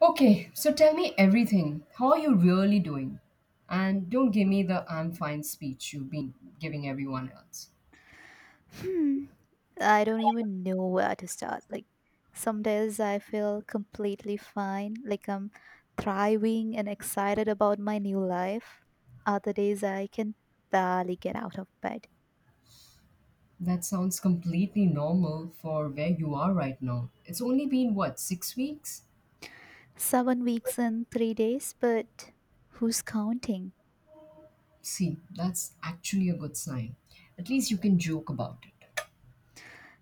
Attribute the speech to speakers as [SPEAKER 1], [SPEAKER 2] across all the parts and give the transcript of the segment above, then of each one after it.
[SPEAKER 1] Okay, so tell me everything. How are you really doing? And don't give me the I'm fine speech you've been giving everyone else.
[SPEAKER 2] Hmm. I don't even know where to start. Some days I feel completely fine, like I'm thriving and excited about my new life. Other days I can barely get out of bed.
[SPEAKER 1] That sounds completely normal for where you are right now. It's only been what, 6 weeks?
[SPEAKER 2] 7 weeks and 3 days, but who's counting?
[SPEAKER 1] See, that's actually a good sign. At least you can joke about it.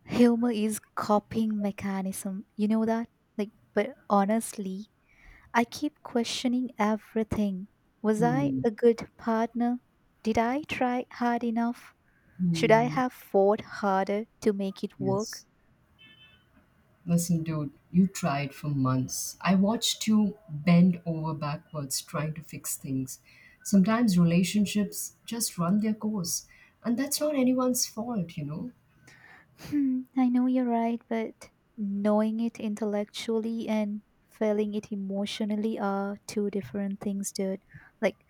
[SPEAKER 2] Humor is coping mechanism. You know that? But honestly, I keep questioning everything. Was I
[SPEAKER 1] Hmm.
[SPEAKER 2] a good partner? Did I try hard enough? Should I
[SPEAKER 1] Hmm.
[SPEAKER 2] have fought harder to make it work?
[SPEAKER 1] Yes. Listen, dude, you tried for months. I watched you bend over backwards trying to fix things. Sometimes relationships just run their course, and that's not anyone's fault, you know?
[SPEAKER 2] Hmm, I know you're right, but knowing it intellectually and feeling it emotionally are two different things, dude. Like,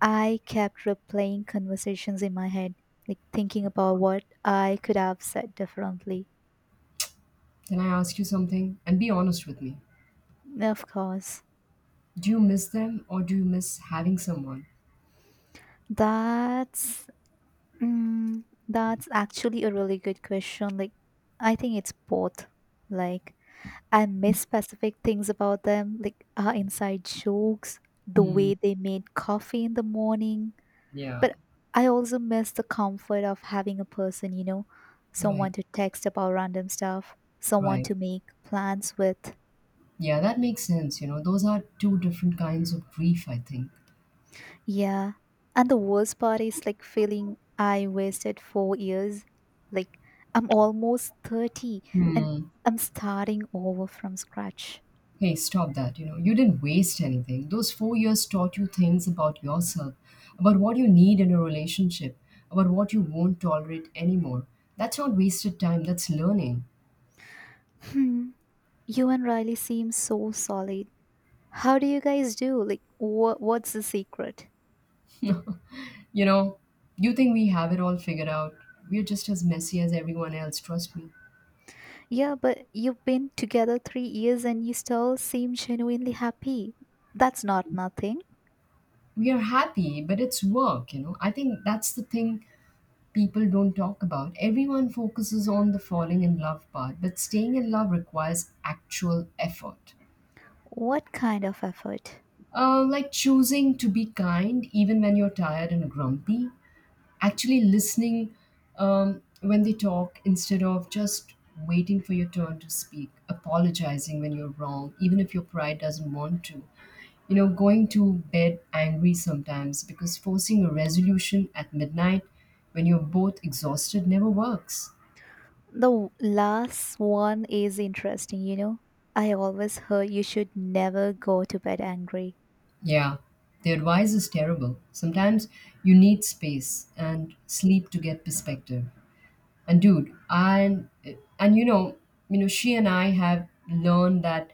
[SPEAKER 2] I kept replaying conversations in my head, like thinking about what I could have said differently.
[SPEAKER 1] Can I ask you something? And be honest with me.
[SPEAKER 2] Of course.
[SPEAKER 1] Do you miss them or do you miss having someone?
[SPEAKER 2] That's that's actually a really good question. Like, I think it's both. Like, I miss specific things about them, like our inside jokes, the
[SPEAKER 1] Hmm,
[SPEAKER 2] way they made coffee in the morning.
[SPEAKER 1] yeah,
[SPEAKER 2] But I also miss the comfort of having a person, you know,
[SPEAKER 1] right,
[SPEAKER 2] someone to text about random stuff, someone
[SPEAKER 1] right.
[SPEAKER 2] to make plans with.
[SPEAKER 1] Yeah, that makes sense. You know, those are two different kinds of grief, I think.
[SPEAKER 2] Yeah. And the worst part is like feeling I wasted 4 years. Like, I'm almost 30 and
[SPEAKER 1] Hmm.
[SPEAKER 2] I'm starting over from scratch.
[SPEAKER 1] Hey, stop that. You know, you didn't waste anything. Those 4 years taught you things about yourself, about what you need in a relationship, about what you won't tolerate anymore. That's not wasted time, that's learning.
[SPEAKER 2] Hmm. You and Riley seem so solid. How do you guys do? Like, what's the secret?
[SPEAKER 1] You know, you think we have it all figured out. We're just as messy as everyone else, trust me.
[SPEAKER 2] Yeah, but you've been together 3 years and you still seem genuinely happy. That's not nothing.
[SPEAKER 1] We are happy, but it's work, you know. I think that's the thing people don't talk about. Everyone focuses on the falling in love part, but staying in love requires actual effort.
[SPEAKER 2] What kind of effort?
[SPEAKER 1] Like choosing to be kind even when you're tired and grumpy. Actually, listening when they talk instead of just waiting for your turn to speak. Apologizing when you're wrong, even if your pride doesn't want to. You know, going to bed angry sometimes because forcing a resolution at midnight when you're both exhausted never works.
[SPEAKER 2] The last one is interesting, you know. I always heard you should never go to bed angry.
[SPEAKER 1] Yeah, the advice is terrible. Sometimes you need space and sleep to get perspective. And dude, and she and I have learned that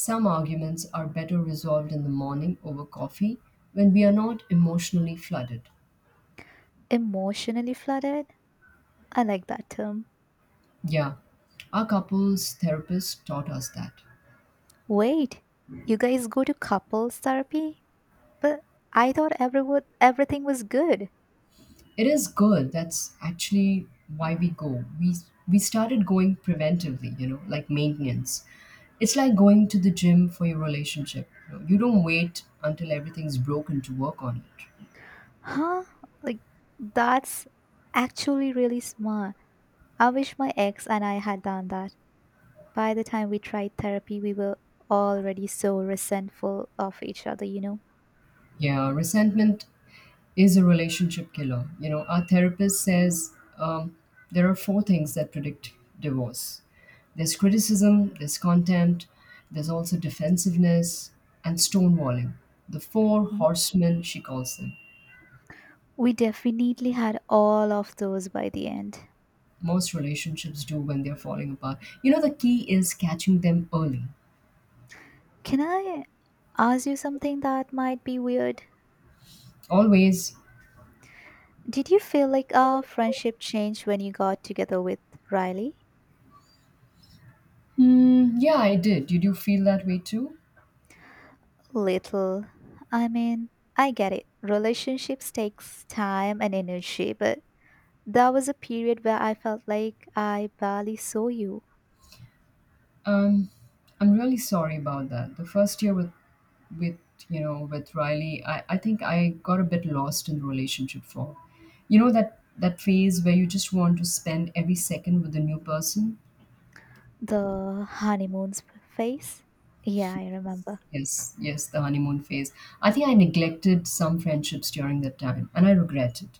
[SPEAKER 1] some arguments are better resolved in the morning over coffee when we are not emotionally flooded.
[SPEAKER 2] Emotionally flooded? I like that term.
[SPEAKER 1] Yeah, our couples therapist taught us that.
[SPEAKER 2] Wait, you guys go to couples therapy? But I thought everything was good.
[SPEAKER 1] It is good. That's actually why we go. We started going preventively, you know, like maintenance. It's like going to the gym for your relationship. You don't wait until everything's broken to work on it.
[SPEAKER 2] Huh? Like, that's actually really smart. I wish my ex and I had done that. By the time we tried therapy, we were already so resentful of each other, you know?
[SPEAKER 1] Yeah, resentment is a relationship killer. You know, our therapist says there are four things that predict divorce. There's criticism, there's contempt, there's also defensiveness, and stonewalling. The four
[SPEAKER 2] Mhm.
[SPEAKER 1] horsemen, she calls them.
[SPEAKER 2] We definitely had all of those by the end.
[SPEAKER 1] Most relationships do when they're falling apart. You know, the key is catching them early.
[SPEAKER 2] Can I ask you something that might be weird?
[SPEAKER 1] Always,
[SPEAKER 2] Did you feel like our friendship changed when you got together with Riley?
[SPEAKER 1] hmm, yeah, I did. Did you feel that way too?
[SPEAKER 2] Little. I mean, I get it. Relationships takes time and energy, but there was a period where I felt like I barely saw you.
[SPEAKER 1] Um, I'm really sorry about that. The first year with with Riley, I think I got a bit lost in the relationship for, you know, that phase where you just want to spend every second with a new person.
[SPEAKER 2] The honeymoon's face? Yeah, I remember.
[SPEAKER 1] Yes, yes, the honeymoon phase. I think I neglected some friendships during that time, and I regret it.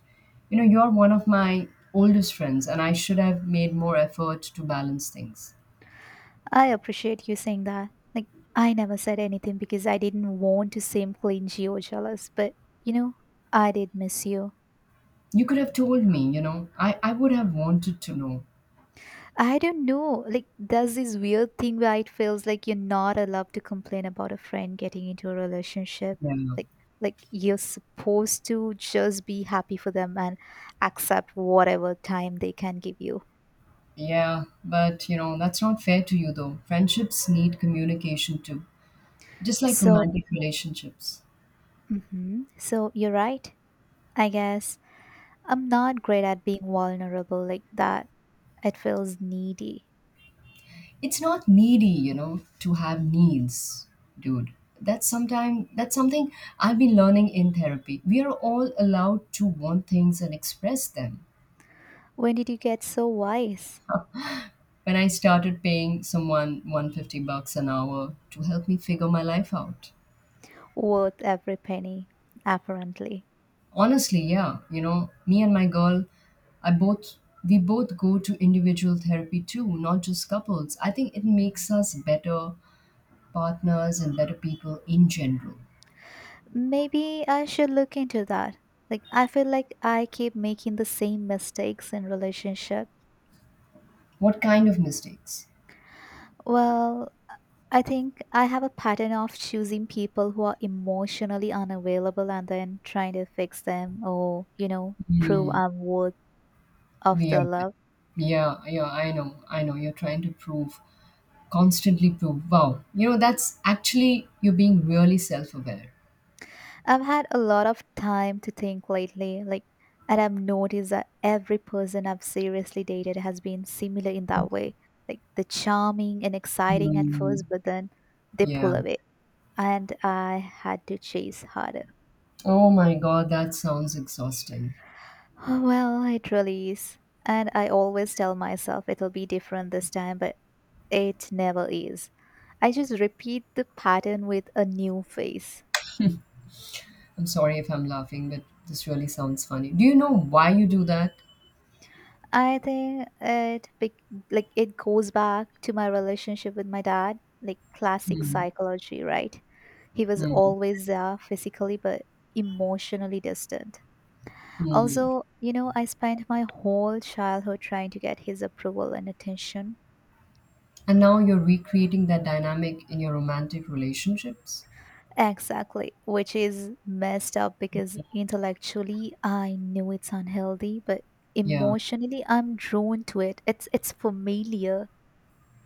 [SPEAKER 1] You know, you're one of my oldest friends, and I should have made more effort to balance things.
[SPEAKER 2] I appreciate you saying that. Like, I never said anything because I didn't want to seem clingy or jealous, but you know, I did miss you.
[SPEAKER 1] You could have told me, you know, I would have wanted to know.
[SPEAKER 2] I don't know. Like, there's this weird thing where it feels like you're not allowed to complain about a friend getting into a relationship.
[SPEAKER 1] Yeah.
[SPEAKER 2] Like, like you're supposed to just be happy for them and accept whatever time they can give you.
[SPEAKER 1] Yeah, but you know, that's not fair to you though. Friendships need communication too, just like
[SPEAKER 2] So,
[SPEAKER 1] romantic relationships.
[SPEAKER 2] mhm. so you're right. I guess I'm not great at being vulnerable like that. It feels needy.
[SPEAKER 1] It's not needy, you know, to have needs, dude. That's something I've been learning in therapy. We are all allowed to want things and express them.
[SPEAKER 2] When did you get so wise?
[SPEAKER 1] When I started paying someone 150 bucks an hour to help me figure my life out.
[SPEAKER 2] Worth every penny, apparently.
[SPEAKER 1] Honestly, yeah. You know, me and my girl, I both we both go to individual therapy too, not just couples. I think it makes us better partners and better people in general.
[SPEAKER 2] Maybe I should look into that. Like, I feel like I keep making the same mistakes in relationship.
[SPEAKER 1] What kind of mistakes?
[SPEAKER 2] Well, I think I have a pattern of choosing people who are emotionally unavailable and then trying to fix them or, you know, prove
[SPEAKER 1] Hmm.
[SPEAKER 2] I'm worth of
[SPEAKER 1] We are
[SPEAKER 2] the
[SPEAKER 1] there.
[SPEAKER 2] love.
[SPEAKER 1] Yeah, yeah, I know. I know you're trying to prove, constantly prove. Wow. You know, that's actually, you're being really self-aware.
[SPEAKER 2] I've had a lot of time to think lately, like, and I've noticed that every person I've seriously dated has been similar in that
[SPEAKER 1] Okay.
[SPEAKER 2] way. Like, they're charming and exciting at
[SPEAKER 1] Hmm.
[SPEAKER 2] first, but then they
[SPEAKER 1] Yeah.
[SPEAKER 2] pull away, and I had to chase harder.
[SPEAKER 1] Oh my God, that sounds exhausting.
[SPEAKER 2] Oh, well, it really is. And I always tell myself it'll be different this time, but it never is. I just repeat the pattern with a new face.
[SPEAKER 1] I'm sorry if I'm laughing, but this really sounds funny. Do you know why you do that?
[SPEAKER 2] I think like it goes back to my relationship with my dad, like classic
[SPEAKER 1] Mm,
[SPEAKER 2] psychology, right? He was
[SPEAKER 1] mm,
[SPEAKER 2] always there physically but emotionally distant.
[SPEAKER 1] mm.
[SPEAKER 2] Also, you know, I spent my whole childhood trying to get his approval and attention.
[SPEAKER 1] And now you're recreating that dynamic in your romantic relationships?
[SPEAKER 2] Exactly, which is messed up because intellectually I knew it's unhealthy, but
[SPEAKER 1] Yeah.
[SPEAKER 2] emotionally I'm drawn to it. It's familiar.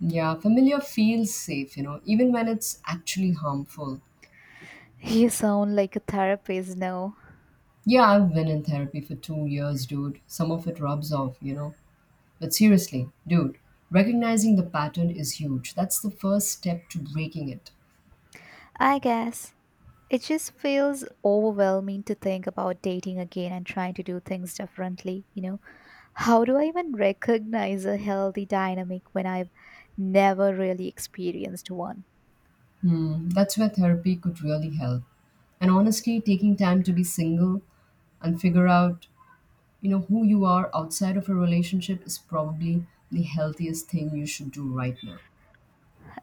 [SPEAKER 1] Yeah, familiar feels safe, you know, even when it's actually harmful.
[SPEAKER 2] You sound like a therapist now.
[SPEAKER 1] Yeah, I've been in therapy for 2 years, dude. Some of it rubs off, you know. But seriously, dude, recognizing the pattern is huge. That's the first step to breaking it.
[SPEAKER 2] I guess it just feels overwhelming to think about dating again and trying to do things differently, you know. How do I even recognize a healthy dynamic when I've never really experienced one?
[SPEAKER 1] Hmm, that's where therapy could really help. And honestly, taking time to be single and figure out, you know, who you are outside of a relationship is probably the healthiest thing you should do right now.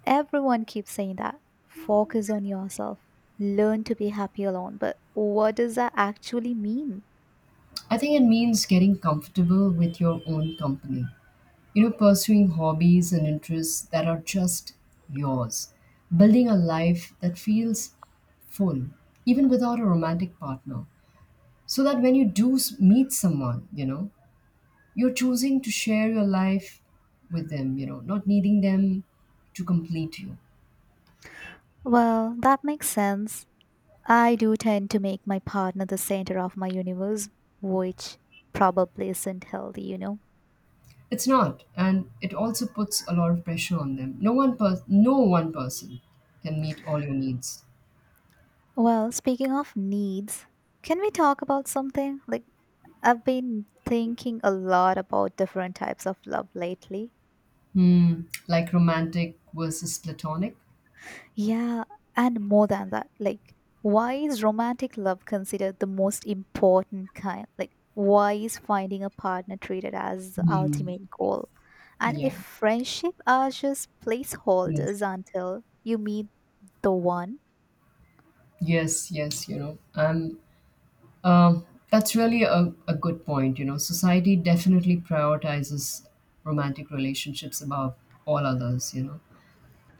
[SPEAKER 2] Everyone keeps saying that. Focus on yourself. Learn to be happy alone. But what does that actually mean?
[SPEAKER 1] I think it means getting comfortable with your own company. You know, pursuing hobbies and interests that are just yours. Building a life that feels full, even without a romantic partner. So that when you do meet someone, you know, you're choosing to share your life with them, you know, not needing them to complete you.
[SPEAKER 2] Well, that makes sense. I do tend to make my partner the center of my universe, which probably isn't healthy, you know.
[SPEAKER 1] It's not, and it also puts a lot of pressure on them. No one person can meet all your needs.
[SPEAKER 2] Well, speaking of needs, can we talk about something? Like, I've been thinking a lot about different types of love lately.
[SPEAKER 1] Hmm. Like romantic versus platonic.
[SPEAKER 2] Yeah, and more than that, like, why is romantic love considered the most important kind? Like, why is finding a partner treated as the
[SPEAKER 1] Mm,
[SPEAKER 2] ultimate goal? And if
[SPEAKER 1] yeah.
[SPEAKER 2] friendship are just
[SPEAKER 1] Yes.
[SPEAKER 2] placeholders until you meet the one.
[SPEAKER 1] Yes. Yes. You know, that's really a good point. You know, society definitely prioritizes romantic relationships above all others. You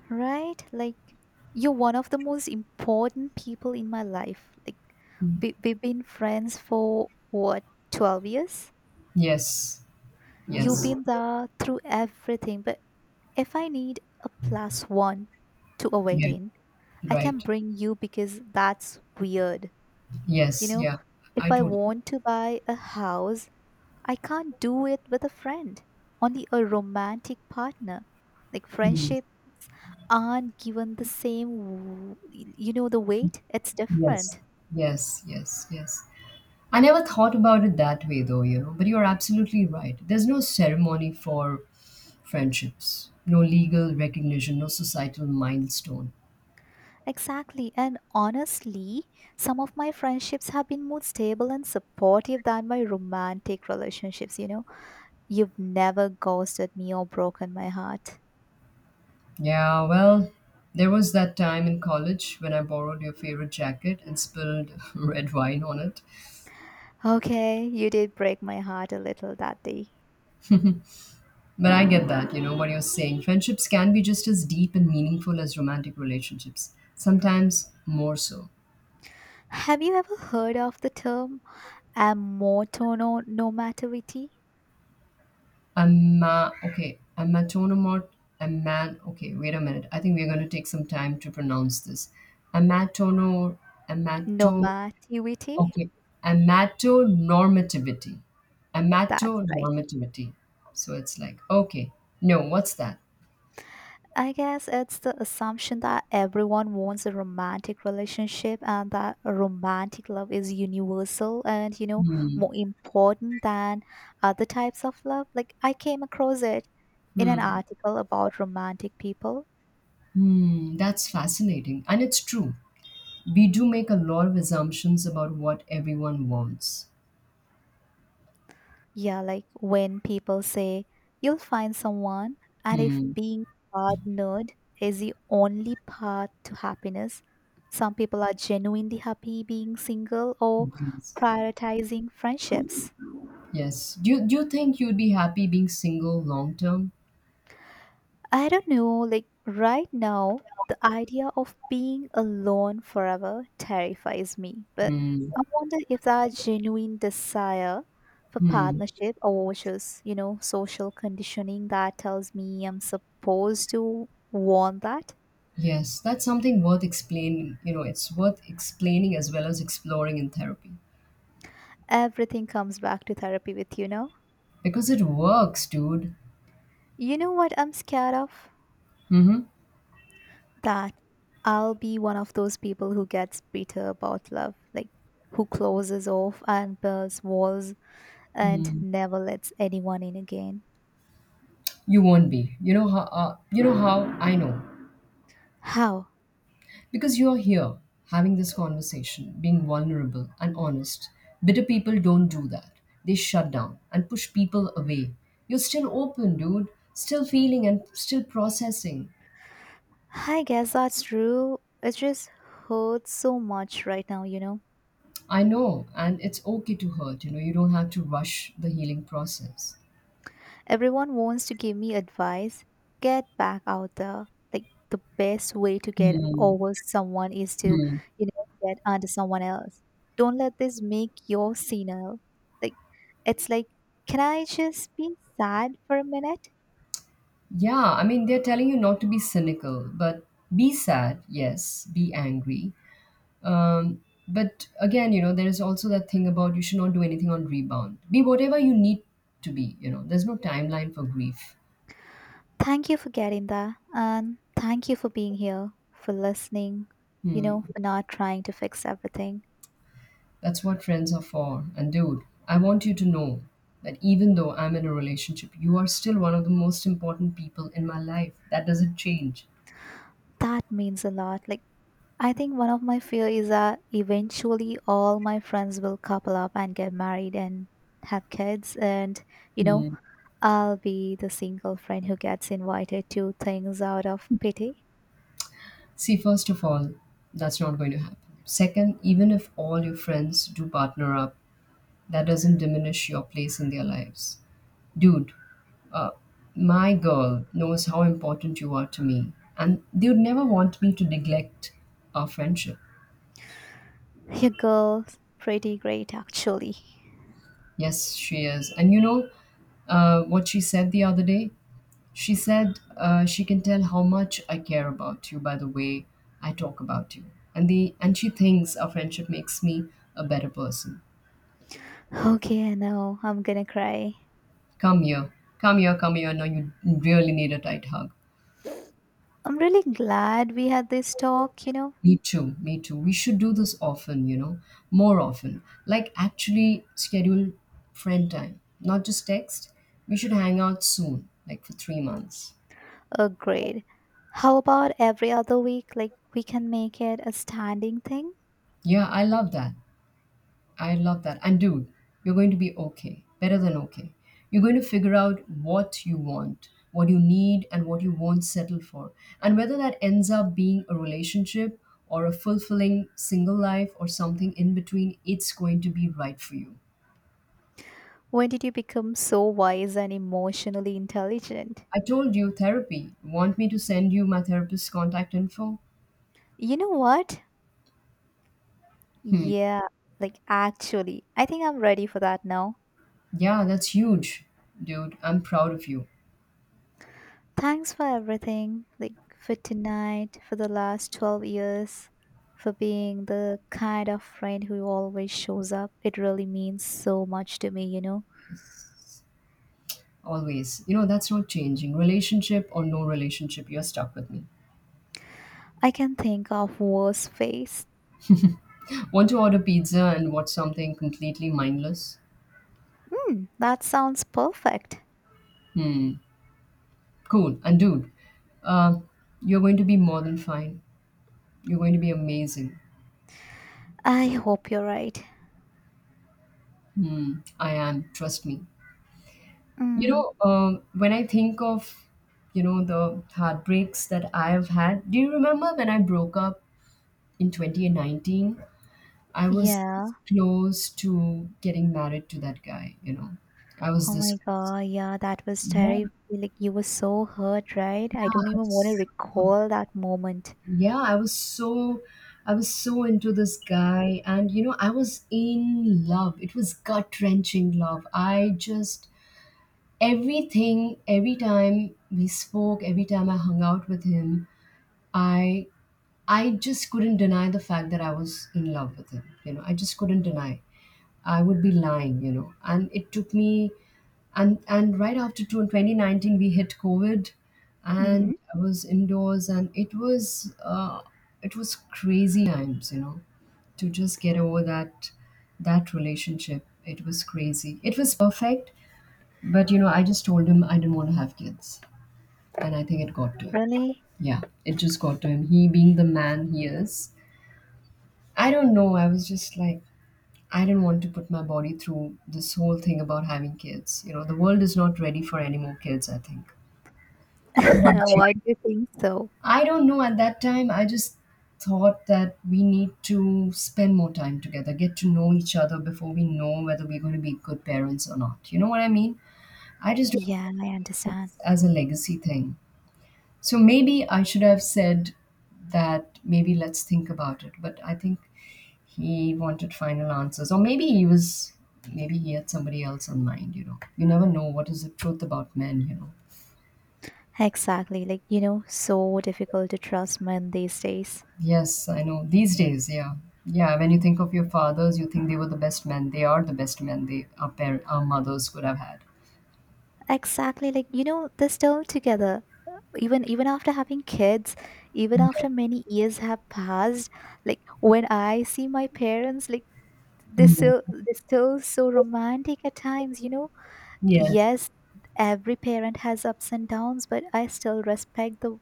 [SPEAKER 2] Right? Like, you're one of the most important people in my life. Like,
[SPEAKER 1] know.
[SPEAKER 2] we've been friends for what, 12 years?
[SPEAKER 1] Yes.
[SPEAKER 2] You've
[SPEAKER 1] Yes.
[SPEAKER 2] been there through everything. But if I need a plus one to a
[SPEAKER 1] Yeah,
[SPEAKER 2] wedding, I can
[SPEAKER 1] right.
[SPEAKER 2] bring you because that's weird. You
[SPEAKER 1] Yes,
[SPEAKER 2] know,
[SPEAKER 1] yeah. I
[SPEAKER 2] if I
[SPEAKER 1] totally
[SPEAKER 2] want to buy a house, I can't do it with a friend, only a romantic partner. Like,
[SPEAKER 1] mm,
[SPEAKER 2] friendship aren't given the same you know the weight, it's
[SPEAKER 1] yes.
[SPEAKER 2] different.
[SPEAKER 1] Yes, yes, yes. I never thought about it that way though, you know, but you're absolutely right. There's no ceremony for friendships, no legal recognition, no societal milestone.
[SPEAKER 2] Exactly. And honestly, some of my friendships have been more stable and supportive than my romantic relationships, you know. You've never ghosted me or broken my heart.
[SPEAKER 1] Yeah, well, there was that time in college when I borrowed your favorite jacket and spilled red wine on it.
[SPEAKER 2] Okay, you did break my heart a little that day.
[SPEAKER 1] But I get that, you know, what you're saying. Friendships can be just as deep and meaningful as romantic relationships, sometimes more so.
[SPEAKER 2] Have you ever heard of the term amotono nomativity?
[SPEAKER 1] Amma, okay, amatonomot, aman, okay, wait a minute. I think we're going to take some time to pronounce this. Amatono, amato,
[SPEAKER 2] Nomativity?
[SPEAKER 1] okay, amatonormativity.
[SPEAKER 2] That's right.
[SPEAKER 1] Amatonormativity. So it's like, okay, no, what's that?
[SPEAKER 2] I guess it's the assumption that everyone wants a romantic relationship and that romantic love is universal and, you know,
[SPEAKER 1] Hmm,
[SPEAKER 2] more important than other types of love. Like, I came across it in an
[SPEAKER 1] hmm,
[SPEAKER 2] article about romantic people.
[SPEAKER 1] hmm, that's fascinating. And it's true. We do make a lot of assumptions about what everyone wants.
[SPEAKER 2] Yeah, like when people say, you'll find someone, and if
[SPEAKER 1] Hmm,
[SPEAKER 2] being partnered is the only path to happiness, some people are genuinely happy being single or
[SPEAKER 1] yes.
[SPEAKER 2] prioritizing friendships.
[SPEAKER 1] Yes. Do you think you'd be happy being single long term?
[SPEAKER 2] I don't know, like right now, the idea of being alone forever terrifies me. But
[SPEAKER 1] Hmm.
[SPEAKER 2] I wonder if that genuine desire for
[SPEAKER 1] Hmm.
[SPEAKER 2] partnership or just, you know, social conditioning that tells me I'm supposed to want that.
[SPEAKER 1] Yes, that's something worth explaining. You know, it's worth explaining as well as exploring in therapy
[SPEAKER 2] Everything comes back to therapy with you know.
[SPEAKER 1] because it works, dude.
[SPEAKER 2] You know what I'm scared of?
[SPEAKER 1] Mm-hmm.
[SPEAKER 2] That I'll be one of those people who gets bitter about love, like who closes off and builds walls and
[SPEAKER 1] Mm.
[SPEAKER 2] never lets anyone in again.
[SPEAKER 1] You won't be. You know how I know
[SPEAKER 2] How?
[SPEAKER 1] because you're here having this conversation, being vulnerable and honest. Bitter people don't do that. They shut down and push people away. You're still open, dude. Still feeling and still processing.
[SPEAKER 2] I guess that's true. It just hurts so much right now, you know.
[SPEAKER 1] I know, and it's okay to hurt. You know, you don't have to rush the healing process.
[SPEAKER 2] Everyone wants to give me advice. Get back out there. Like the best way to get
[SPEAKER 1] Hmm.
[SPEAKER 2] over someone is to,
[SPEAKER 1] Hmm.
[SPEAKER 2] you know, get under someone else. Don't let this make you senile. Like like, can I just be sad for a minute?
[SPEAKER 1] Yeah, I mean, they're telling you not to be cynical, but be sad, yes, be angry. But again, you know, there is also that thing about you should not do anything on rebound. Be whatever you need to be, you know, there's no timeline for grief.
[SPEAKER 2] Thank you for getting that. And thank you for being here, for listening, you
[SPEAKER 1] Hmm.
[SPEAKER 2] know, for not trying to fix everything.
[SPEAKER 1] That's what friends are for. And dude, I want you to know that even though I'm in a relationship, you are still one of the most important people in my life. That doesn't change.
[SPEAKER 2] That means a lot. Like, I think one of my fear is that eventually all my friends will couple up and get married and have kids. And, you know,
[SPEAKER 1] Yeah.
[SPEAKER 2] I'll be the single friend who gets invited to things out of pity.
[SPEAKER 1] See, first of all, that's not going to happen. Second, even if all your friends do partner up, that doesn't diminish your place in their lives. Dude, uh, my girl knows how important you are to me, and they would never want me to neglect our friendship.
[SPEAKER 2] Your girl's pretty great, actually.
[SPEAKER 1] Yes, she is. And you know, what she said the other day? She said she can tell how much I care about you by the way I talk about you. And she thinks our friendship makes me a better person.
[SPEAKER 2] Okay, I know. I'm gonna cry.
[SPEAKER 1] Come here. Come here, come here. No, you really need a tight hug.
[SPEAKER 2] I'm really glad we had this talk, you know?
[SPEAKER 1] Me too, me too. We should do this often, you know, more often. Like actually schedule friend time, not just text. We should hang out soon, like for 3 months.
[SPEAKER 2] Agreed. How about every other week? Like, we can make it a standing thing?
[SPEAKER 1] Yeah, I love that. I love that. And dude, you're going to be okay, better than okay. You're going to figure out what you want, what you need, and what you won't settle for. And whether that ends up being a relationship or a fulfilling single life or something in between, it's going to be right for you.
[SPEAKER 2] When did you become so wise and emotionally intelligent?
[SPEAKER 1] I told you therapy. Want me to send you my therapist's contact info?
[SPEAKER 2] You know what?
[SPEAKER 1] Hmm.
[SPEAKER 2] Yeah, like, actually, I think I'm ready for that now.
[SPEAKER 1] Yeah, that's huge, dude. I'm proud of you.
[SPEAKER 2] Thanks for everything, like for tonight, for the last 12 years, for being the kind of friend who always shows up. It really means so much to me, you know.
[SPEAKER 1] Yes. Always. You know, that's not changing. Relationship or no relationship, you're stuck with me.
[SPEAKER 2] I can think of worse face.
[SPEAKER 1] Want to order pizza and watch something completely mindless?
[SPEAKER 2] Hmm, that sounds perfect.
[SPEAKER 1] Hmm, cool. And dude, uh, you're going to be more than fine. You're going to be amazing.
[SPEAKER 2] I hope you're right.
[SPEAKER 1] Hmm, I am. Trust me. You
[SPEAKER 2] Mm,
[SPEAKER 1] know, when I think of, you know, the heartbreaks that I have had, do you remember when I broke up in 2019? I was
[SPEAKER 2] yeah.
[SPEAKER 1] close to getting married to that guy, you know. I was
[SPEAKER 2] Oh
[SPEAKER 1] this
[SPEAKER 2] my
[SPEAKER 1] close.
[SPEAKER 2] god, yeah, that was
[SPEAKER 1] Yeah,
[SPEAKER 2] terrible. Like you were so hurt, right?
[SPEAKER 1] yeah,
[SPEAKER 2] I don't even want to
[SPEAKER 1] so
[SPEAKER 2] recall that moment.
[SPEAKER 1] yeah i was so I was so into this guy. And you know, I was in love. It was gut wrenching love. I just Everything, every time we spoke, every time I hung out with him, i I just couldn't deny the fact that I was in love with him. You know, I just couldn't deny, I would be lying, you know. And it took me, and right after 2019, we hit COVID,
[SPEAKER 2] Mm-hmm.
[SPEAKER 1] and I was indoors, and it was crazy times, you know, to just get over that relationship. It was crazy. It was perfect, but you know, I just told him I didn't want to have kids, and I think it got to him.
[SPEAKER 2] Really?
[SPEAKER 1] Yeah, it just got to him. He being the man he is, I don't know. I was just like, I didn't want to put my body through this whole thing about having kids. You know, the world is not ready for any more kids, I think. What about
[SPEAKER 2] Why
[SPEAKER 1] you?
[SPEAKER 2] do you think so?
[SPEAKER 1] I don't know. At that time, I just thought that we need to spend more time together, get to know each other before we know whether we're going to be good parents or not. You know what I mean? I just do it
[SPEAKER 2] Yeah, I understand.
[SPEAKER 1] as a legacy thing. So maybe I should have said that maybe let's think about it. But I think he wanted final answers. Or maybe he was, maybe he had somebody else in mind, you know. You never know what is the truth about men, you know.
[SPEAKER 2] Exactly. Like, you know, so difficult to trust men these days.
[SPEAKER 1] Yes, I know. These days, yeah. Yeah, when you think of your fathers, you think they were the best men. They are the best men our mothers could have had.
[SPEAKER 2] Exactly. Like, you know, they're still together. Even even after having kids, even
[SPEAKER 1] Yeah.
[SPEAKER 2] after many years have passed, like when I see my parents, like they're still
[SPEAKER 1] Mhm.
[SPEAKER 2] they're still so romantic at times, you know.
[SPEAKER 1] Yes.
[SPEAKER 2] Yes, every parent has ups and downs, but I still respect the,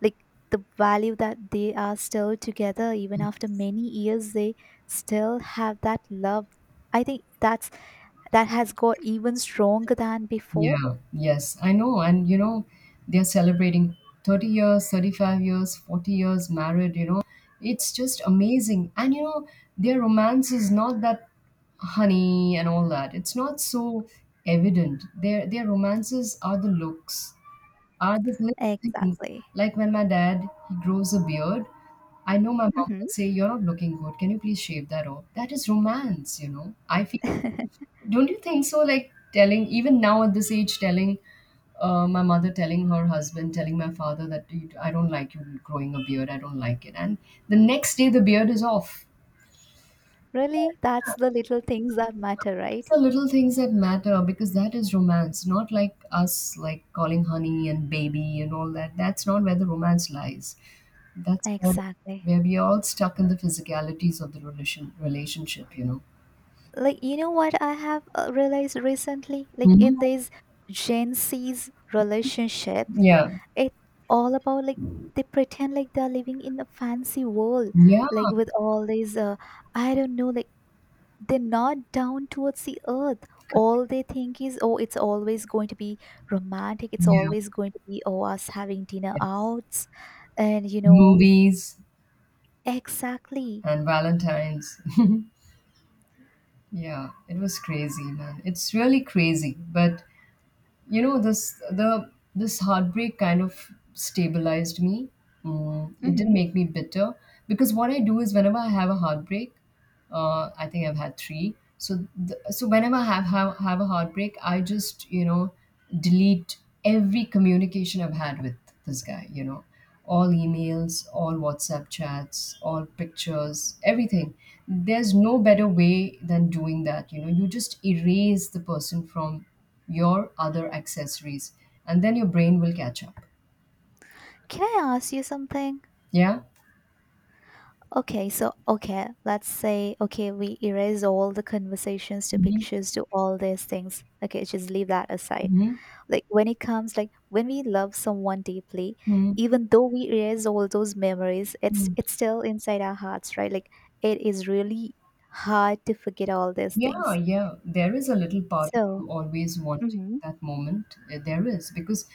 [SPEAKER 2] like, the value that they are still together even after many years. They still have that love. I think that's, that has got even stronger than before.
[SPEAKER 1] Yeah, yes, I know. And you know, they're celebrating 30 years, 35 years, 40 years married, you know. It's just amazing. And you know, their romance is not that honey and all that. It's not so evident. Their romances are the looks, are the little things.
[SPEAKER 2] Exactly.
[SPEAKER 1] Like when my dad, he grows a beard, I know my mom
[SPEAKER 2] Hmm.
[SPEAKER 1] would say, "You're not looking good. Can you please shave that off?" That is romance, you know. I feel, don't you think so? Like telling even now at this age, telling my mother, telling her husband, telling my father that "You, I don't like you growing a beard. I don't like it," and the next day the beard is off.
[SPEAKER 2] Really, that's the little things that matter,
[SPEAKER 1] It's
[SPEAKER 2] right?
[SPEAKER 1] the little things that matter because that is romance, not like us like calling honey and baby and all that. That's not where the romance lies. That's
[SPEAKER 2] Exactly.
[SPEAKER 1] where we are all stuck in the physicalities of the relationship. You know.
[SPEAKER 2] Like, you know what I have realized recently, like in
[SPEAKER 1] Hmm.
[SPEAKER 2] these Gen Z's relationship,
[SPEAKER 1] Yeah.
[SPEAKER 2] it's all about, like, they pretend like they're living in a fancy world,
[SPEAKER 1] Yeah.
[SPEAKER 2] like with all these I don't know, like they're not down towards the earth. All they think is, oh, it's always going to be romantic, it's
[SPEAKER 1] Yeah.
[SPEAKER 2] always going to be, oh, us having dinner
[SPEAKER 1] Yes.
[SPEAKER 2] outs, and you know.
[SPEAKER 1] Movies.
[SPEAKER 2] Exactly.
[SPEAKER 1] And Valentine's. Yeah, it was crazy, man. It's really crazy, but you know, this the this heartbreak kind of stabilized me. It didn't
[SPEAKER 2] Hmm.
[SPEAKER 1] make me bitter, because what I do is whenever I have a heartbreak, I think I've had three. So whenever I have a heartbreak, I just, you know, delete every communication I've had with this guy. You know, all emails, all WhatsApp chats, all pictures, everything. There's no better way than doing that. You know, you just erase the person from your other accessories, and then your brain will catch up.
[SPEAKER 2] Can I ask you something?
[SPEAKER 1] Yeah.
[SPEAKER 2] Okay, so okay, let's say, okay, we erase all the conversations to
[SPEAKER 1] Mhm.
[SPEAKER 2] pictures to all these things, okay, just leave that aside.
[SPEAKER 1] Mhm.
[SPEAKER 2] Like, when it comes, like when we love someone deeply,
[SPEAKER 1] Mhm.
[SPEAKER 2] even though we erase all those memories,
[SPEAKER 1] Mhm.
[SPEAKER 2] it's still inside our hearts, right? Like, it is really hard to forget all these
[SPEAKER 1] Yeah,
[SPEAKER 2] things.
[SPEAKER 1] yeah. There is a little part of
[SPEAKER 2] So,
[SPEAKER 1] you always wanting
[SPEAKER 2] hmm,
[SPEAKER 1] that moment. There is, because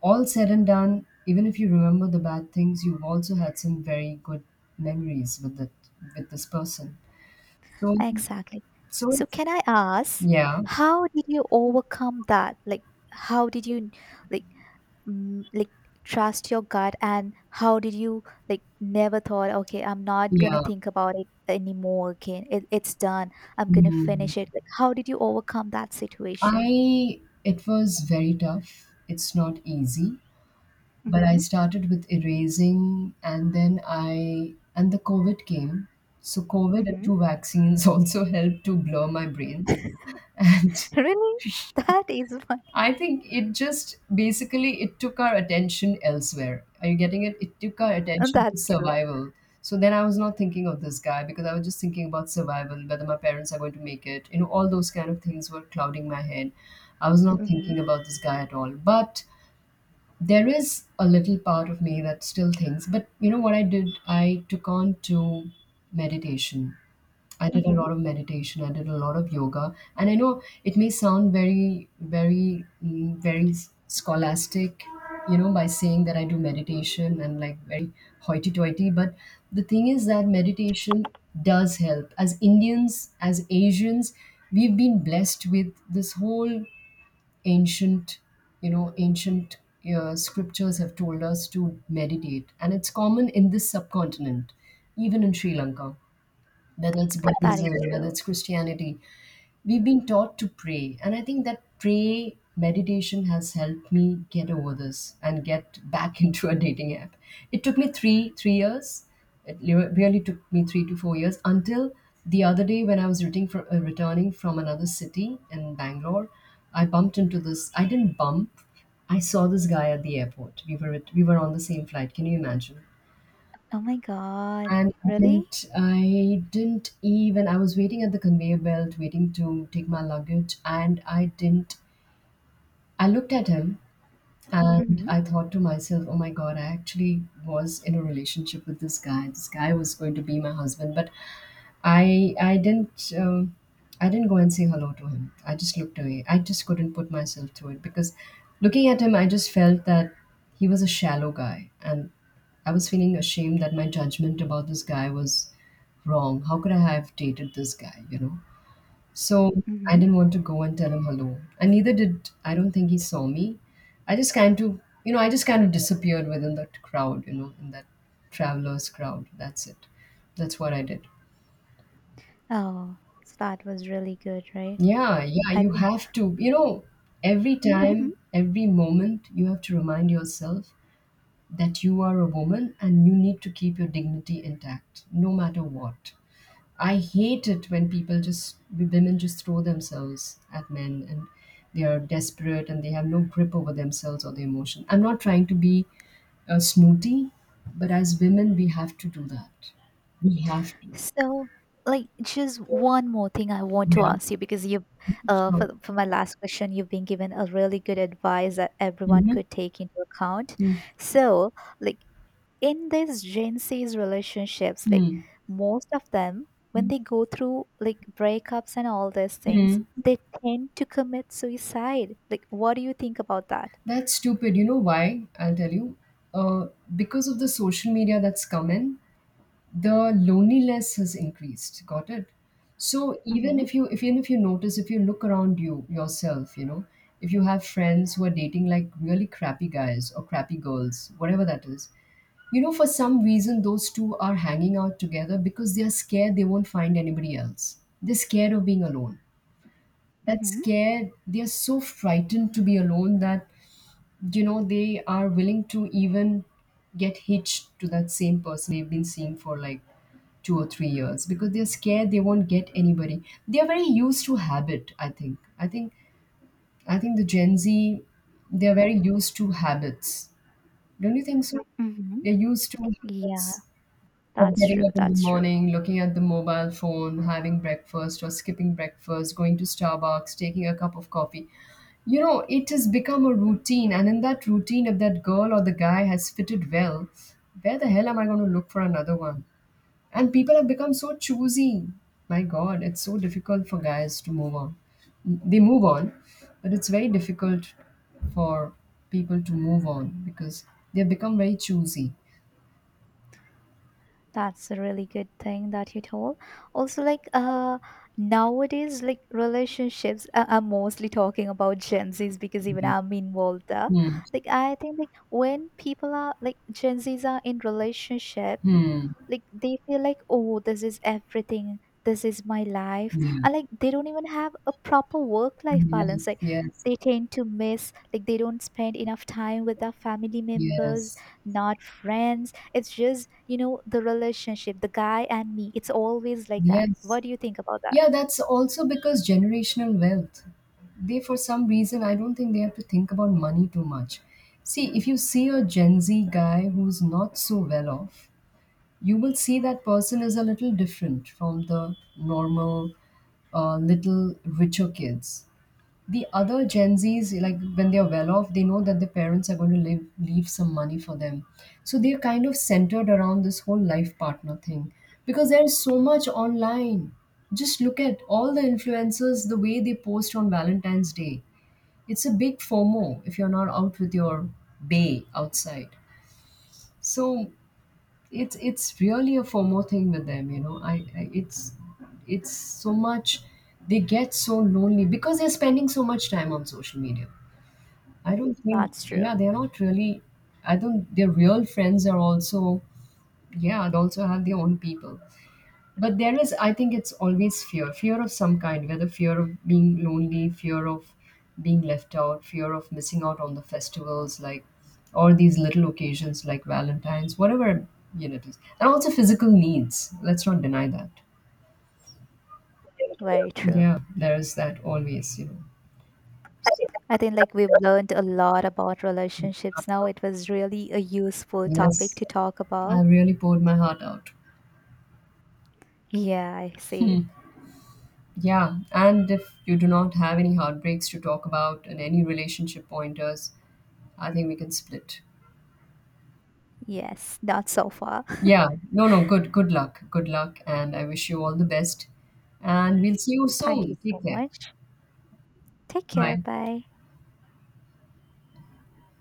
[SPEAKER 1] all said and done, even if you remember the bad things, you've also had some very good memories with that with this person. So,
[SPEAKER 2] exactly.
[SPEAKER 1] so
[SPEAKER 2] So
[SPEAKER 1] it's
[SPEAKER 2] can I ask,
[SPEAKER 1] yeah,
[SPEAKER 2] how did you overcome that, like how did you, like, like, trust your gut, and how did you, like, never thought, okay, I'm not gonna
[SPEAKER 1] yeah.
[SPEAKER 2] think about it anymore again. It's done, I'm gonna
[SPEAKER 1] Mm.
[SPEAKER 2] finish it. Like, how did you overcome that situation?
[SPEAKER 1] I, it was very tough. It's not easy. But I
[SPEAKER 2] Mm-hmm.
[SPEAKER 1] started with erasing, and then I, and the COVID came. So COVID and
[SPEAKER 2] Mm-hmm.
[SPEAKER 1] two vaccines also helped to blur my brains. And
[SPEAKER 2] Really, that is funny.
[SPEAKER 1] I think it just basically, it took our attention elsewhere. Are you getting it? It took our
[SPEAKER 2] And
[SPEAKER 1] attention to
[SPEAKER 2] that's true.
[SPEAKER 1] survival. So then I was not thinking of this guy because I was just thinking about survival, whether my parents are going to make it. You know, all those kind of things were clouding my head. I was not
[SPEAKER 2] Mm-hmm.
[SPEAKER 1] thinking about this guy at all. But there is a little part of me that still thinks. But you know what I did, I took on to meditation. I did a
[SPEAKER 2] Mm-hmm.
[SPEAKER 1] lot of meditation, I did a lot of yoga, and I know it may sound very very scholastic, you know, by saying that I do meditation and like very hoity-toity. But the thing is that meditation does help. As Indians, as Asians, we've been blessed with this whole ancient, you know, ancient, scriptures have told us to meditate, and it's common in this subcontinent, even in Sri Lanka, whether it's
[SPEAKER 2] That is
[SPEAKER 1] Buddhism, whether
[SPEAKER 2] true.
[SPEAKER 1] it's Christianity, we've been taught to pray. And I think that pray meditation has helped me get over this and get back into a dating app. It took me three years. It really took me 3 to 4 years until the other day when I was returning from another city in Bangalore. I bumped into this. I didn't bump. I saw this guy at the airport. We were at, we were on the same flight. Can you imagine?
[SPEAKER 2] Oh my god.
[SPEAKER 1] And
[SPEAKER 2] Really.
[SPEAKER 1] I didn't even, I was waiting at the conveyor belt, waiting to take my luggage, and I didn't, I looked at him, and
[SPEAKER 2] Mm-hmm.
[SPEAKER 1] I thought to myself, oh my God, I actually was in a relationship with this guy. This guy was going to be my husband. But I didn't, I didn't go and say hello to him. I just looked away. I just couldn't put myself through it because looking at him, I just felt that he was a shallow guy, and I was feeling ashamed that my judgment about this guy was wrong. How could I have dated this guy? You know. So I
[SPEAKER 2] Mm-hmm.
[SPEAKER 1] didn't want to go and tell him hello, and neither did I. Don't think he saw me. I just kind of, you know, I just kind of disappeared within that crowd. You know, in that travelers crowd. That's it. That's what I did.
[SPEAKER 2] Oh, so that was really good, right?
[SPEAKER 1] Yeah, yeah,
[SPEAKER 2] I
[SPEAKER 1] you
[SPEAKER 2] think.
[SPEAKER 1] have to. You know, every
[SPEAKER 2] Mm-hmm.
[SPEAKER 1] time, every moment, you have to remind yourself that you are a woman and you need to keep your dignity intact, no matter what. I hate it when people just, women just throw themselves at men, and they are desperate and they have no grip over themselves or their emotion. I'm not trying to be snooty, but as women, we have to do that. We have to.
[SPEAKER 2] So, like, just one more thing I want to
[SPEAKER 1] Yeah,
[SPEAKER 2] ask you because you, uh,
[SPEAKER 1] sure.
[SPEAKER 2] for, for my last question, you've been given a really good advice that everyone
[SPEAKER 1] Mm-hmm.
[SPEAKER 2] could take into account. So, like, in these Gen Z's relationships, like,
[SPEAKER 1] Mm-hmm.
[SPEAKER 2] most of them, when they go through like breakups and all these things,
[SPEAKER 1] Mm-hmm.
[SPEAKER 2] they tend to commit suicide. Like, what do you think about that?
[SPEAKER 1] That's stupid. You know why? I'll tell you. Uh, because of the social media that's come in, the loneliness has increased. Got it? So even
[SPEAKER 2] Mm-hmm.
[SPEAKER 1] if you, if even if you notice, if you look around you yourself, you know, if you have friends who are dating like really crappy guys or crappy girls, whatever that is, you know, for some reason those two are hanging out together because they are scared they won't find anybody else. They're scared of being alone, that
[SPEAKER 2] Mm-hmm.
[SPEAKER 1] scared they are, so frightened to be alone that, you know, they are willing to even get hitched to that same person they've been seeing for like 2 or 3 years because they're scared they won't get anybody. They're very used to habit. I think the Gen Z, they're very used to habits, don't you think so?
[SPEAKER 2] Mm-hmm.
[SPEAKER 1] They're used to habits
[SPEAKER 2] Yeah,
[SPEAKER 1] of
[SPEAKER 2] that's
[SPEAKER 1] getting
[SPEAKER 2] true.
[SPEAKER 1] up in the
[SPEAKER 2] That's true.
[SPEAKER 1] morning, looking at the mobile phone, having breakfast or skipping breakfast, going to Starbucks, taking a cup of coffee. You know, it has become a routine. And in that routine, if that girl or the guy has fitted well, where the hell am I going to look for another one? And people have become so choosy. My God, it's so difficult for guys to move on. They move on, but it's very difficult for people to move on because they have become very choosy.
[SPEAKER 2] That's a really good thing that you told. Also, like nowadays, like relationships, I'm mostly talking about Gen Zs because even
[SPEAKER 1] Yeah.
[SPEAKER 2] I'm involved there.
[SPEAKER 1] Hmm.
[SPEAKER 2] Like I think, like when people are like Gen Zs are in relationship,
[SPEAKER 1] Hmm.
[SPEAKER 2] like they feel like, oh, this is everything, this is my life,
[SPEAKER 1] Yeah.
[SPEAKER 2] and like they don't even have a proper work life balance,
[SPEAKER 1] Yes,
[SPEAKER 2] like
[SPEAKER 1] yes,
[SPEAKER 2] they tend to miss, like they don't spend enough time with their family members,
[SPEAKER 1] yes,
[SPEAKER 2] not friends, it's just, you know, the relationship, the guy and me, it's always like that.
[SPEAKER 1] yes.
[SPEAKER 2] What do you think about
[SPEAKER 1] Yeah,
[SPEAKER 2] that?
[SPEAKER 1] that's also because generational wealth. They, for some reason, I don't think they have to think about money too much. See, if you see a Gen Z guy who's not so well off, you will see that person is a little different from the normal, little richer kids. The other Gen Zs, like when they're well off, they know that their parents are going to leave some money for them. So they're kind of centered around this whole life partner thing because there's so much online. Just look at all the influencers, the way they post on Valentine's Day. It's a big FOMO if you're not out with your bay outside. So it's really a FOMO thing with them, you know. I it's so much. They get so lonely because they're spending so much time on social media. I don't think,
[SPEAKER 2] That's true.
[SPEAKER 1] yeah, they're not really. I think their real friends are also, yeah, they also have their own people. But there is, I think it's always fear, fear of some kind, whether fear of being lonely, fear of being left out, fear of missing out on the festivals, like, or these little occasions like Valentine's, whatever you know it is. And also physical needs. Let's not deny that.
[SPEAKER 2] Very true.
[SPEAKER 1] Yeah, there is that always, you know.
[SPEAKER 2] I think, like, we've learned a lot about relationships now. It was really a useful topic
[SPEAKER 1] Yes,
[SPEAKER 2] to talk
[SPEAKER 1] I
[SPEAKER 2] about.
[SPEAKER 1] really poured my heart out.
[SPEAKER 2] Yeah, I see.
[SPEAKER 1] Yeah, and if you do not have any heartbreaks to talk about and any relationship pointers, I think we can split.
[SPEAKER 2] Yes, that's so far.
[SPEAKER 1] Yeah, no, no, good, good luck, and I wish you all the best. And we'll see you
[SPEAKER 2] Thank you
[SPEAKER 1] soon. Take
[SPEAKER 2] so
[SPEAKER 1] care.
[SPEAKER 2] much. Take care.
[SPEAKER 1] Bye.
[SPEAKER 2] Bye.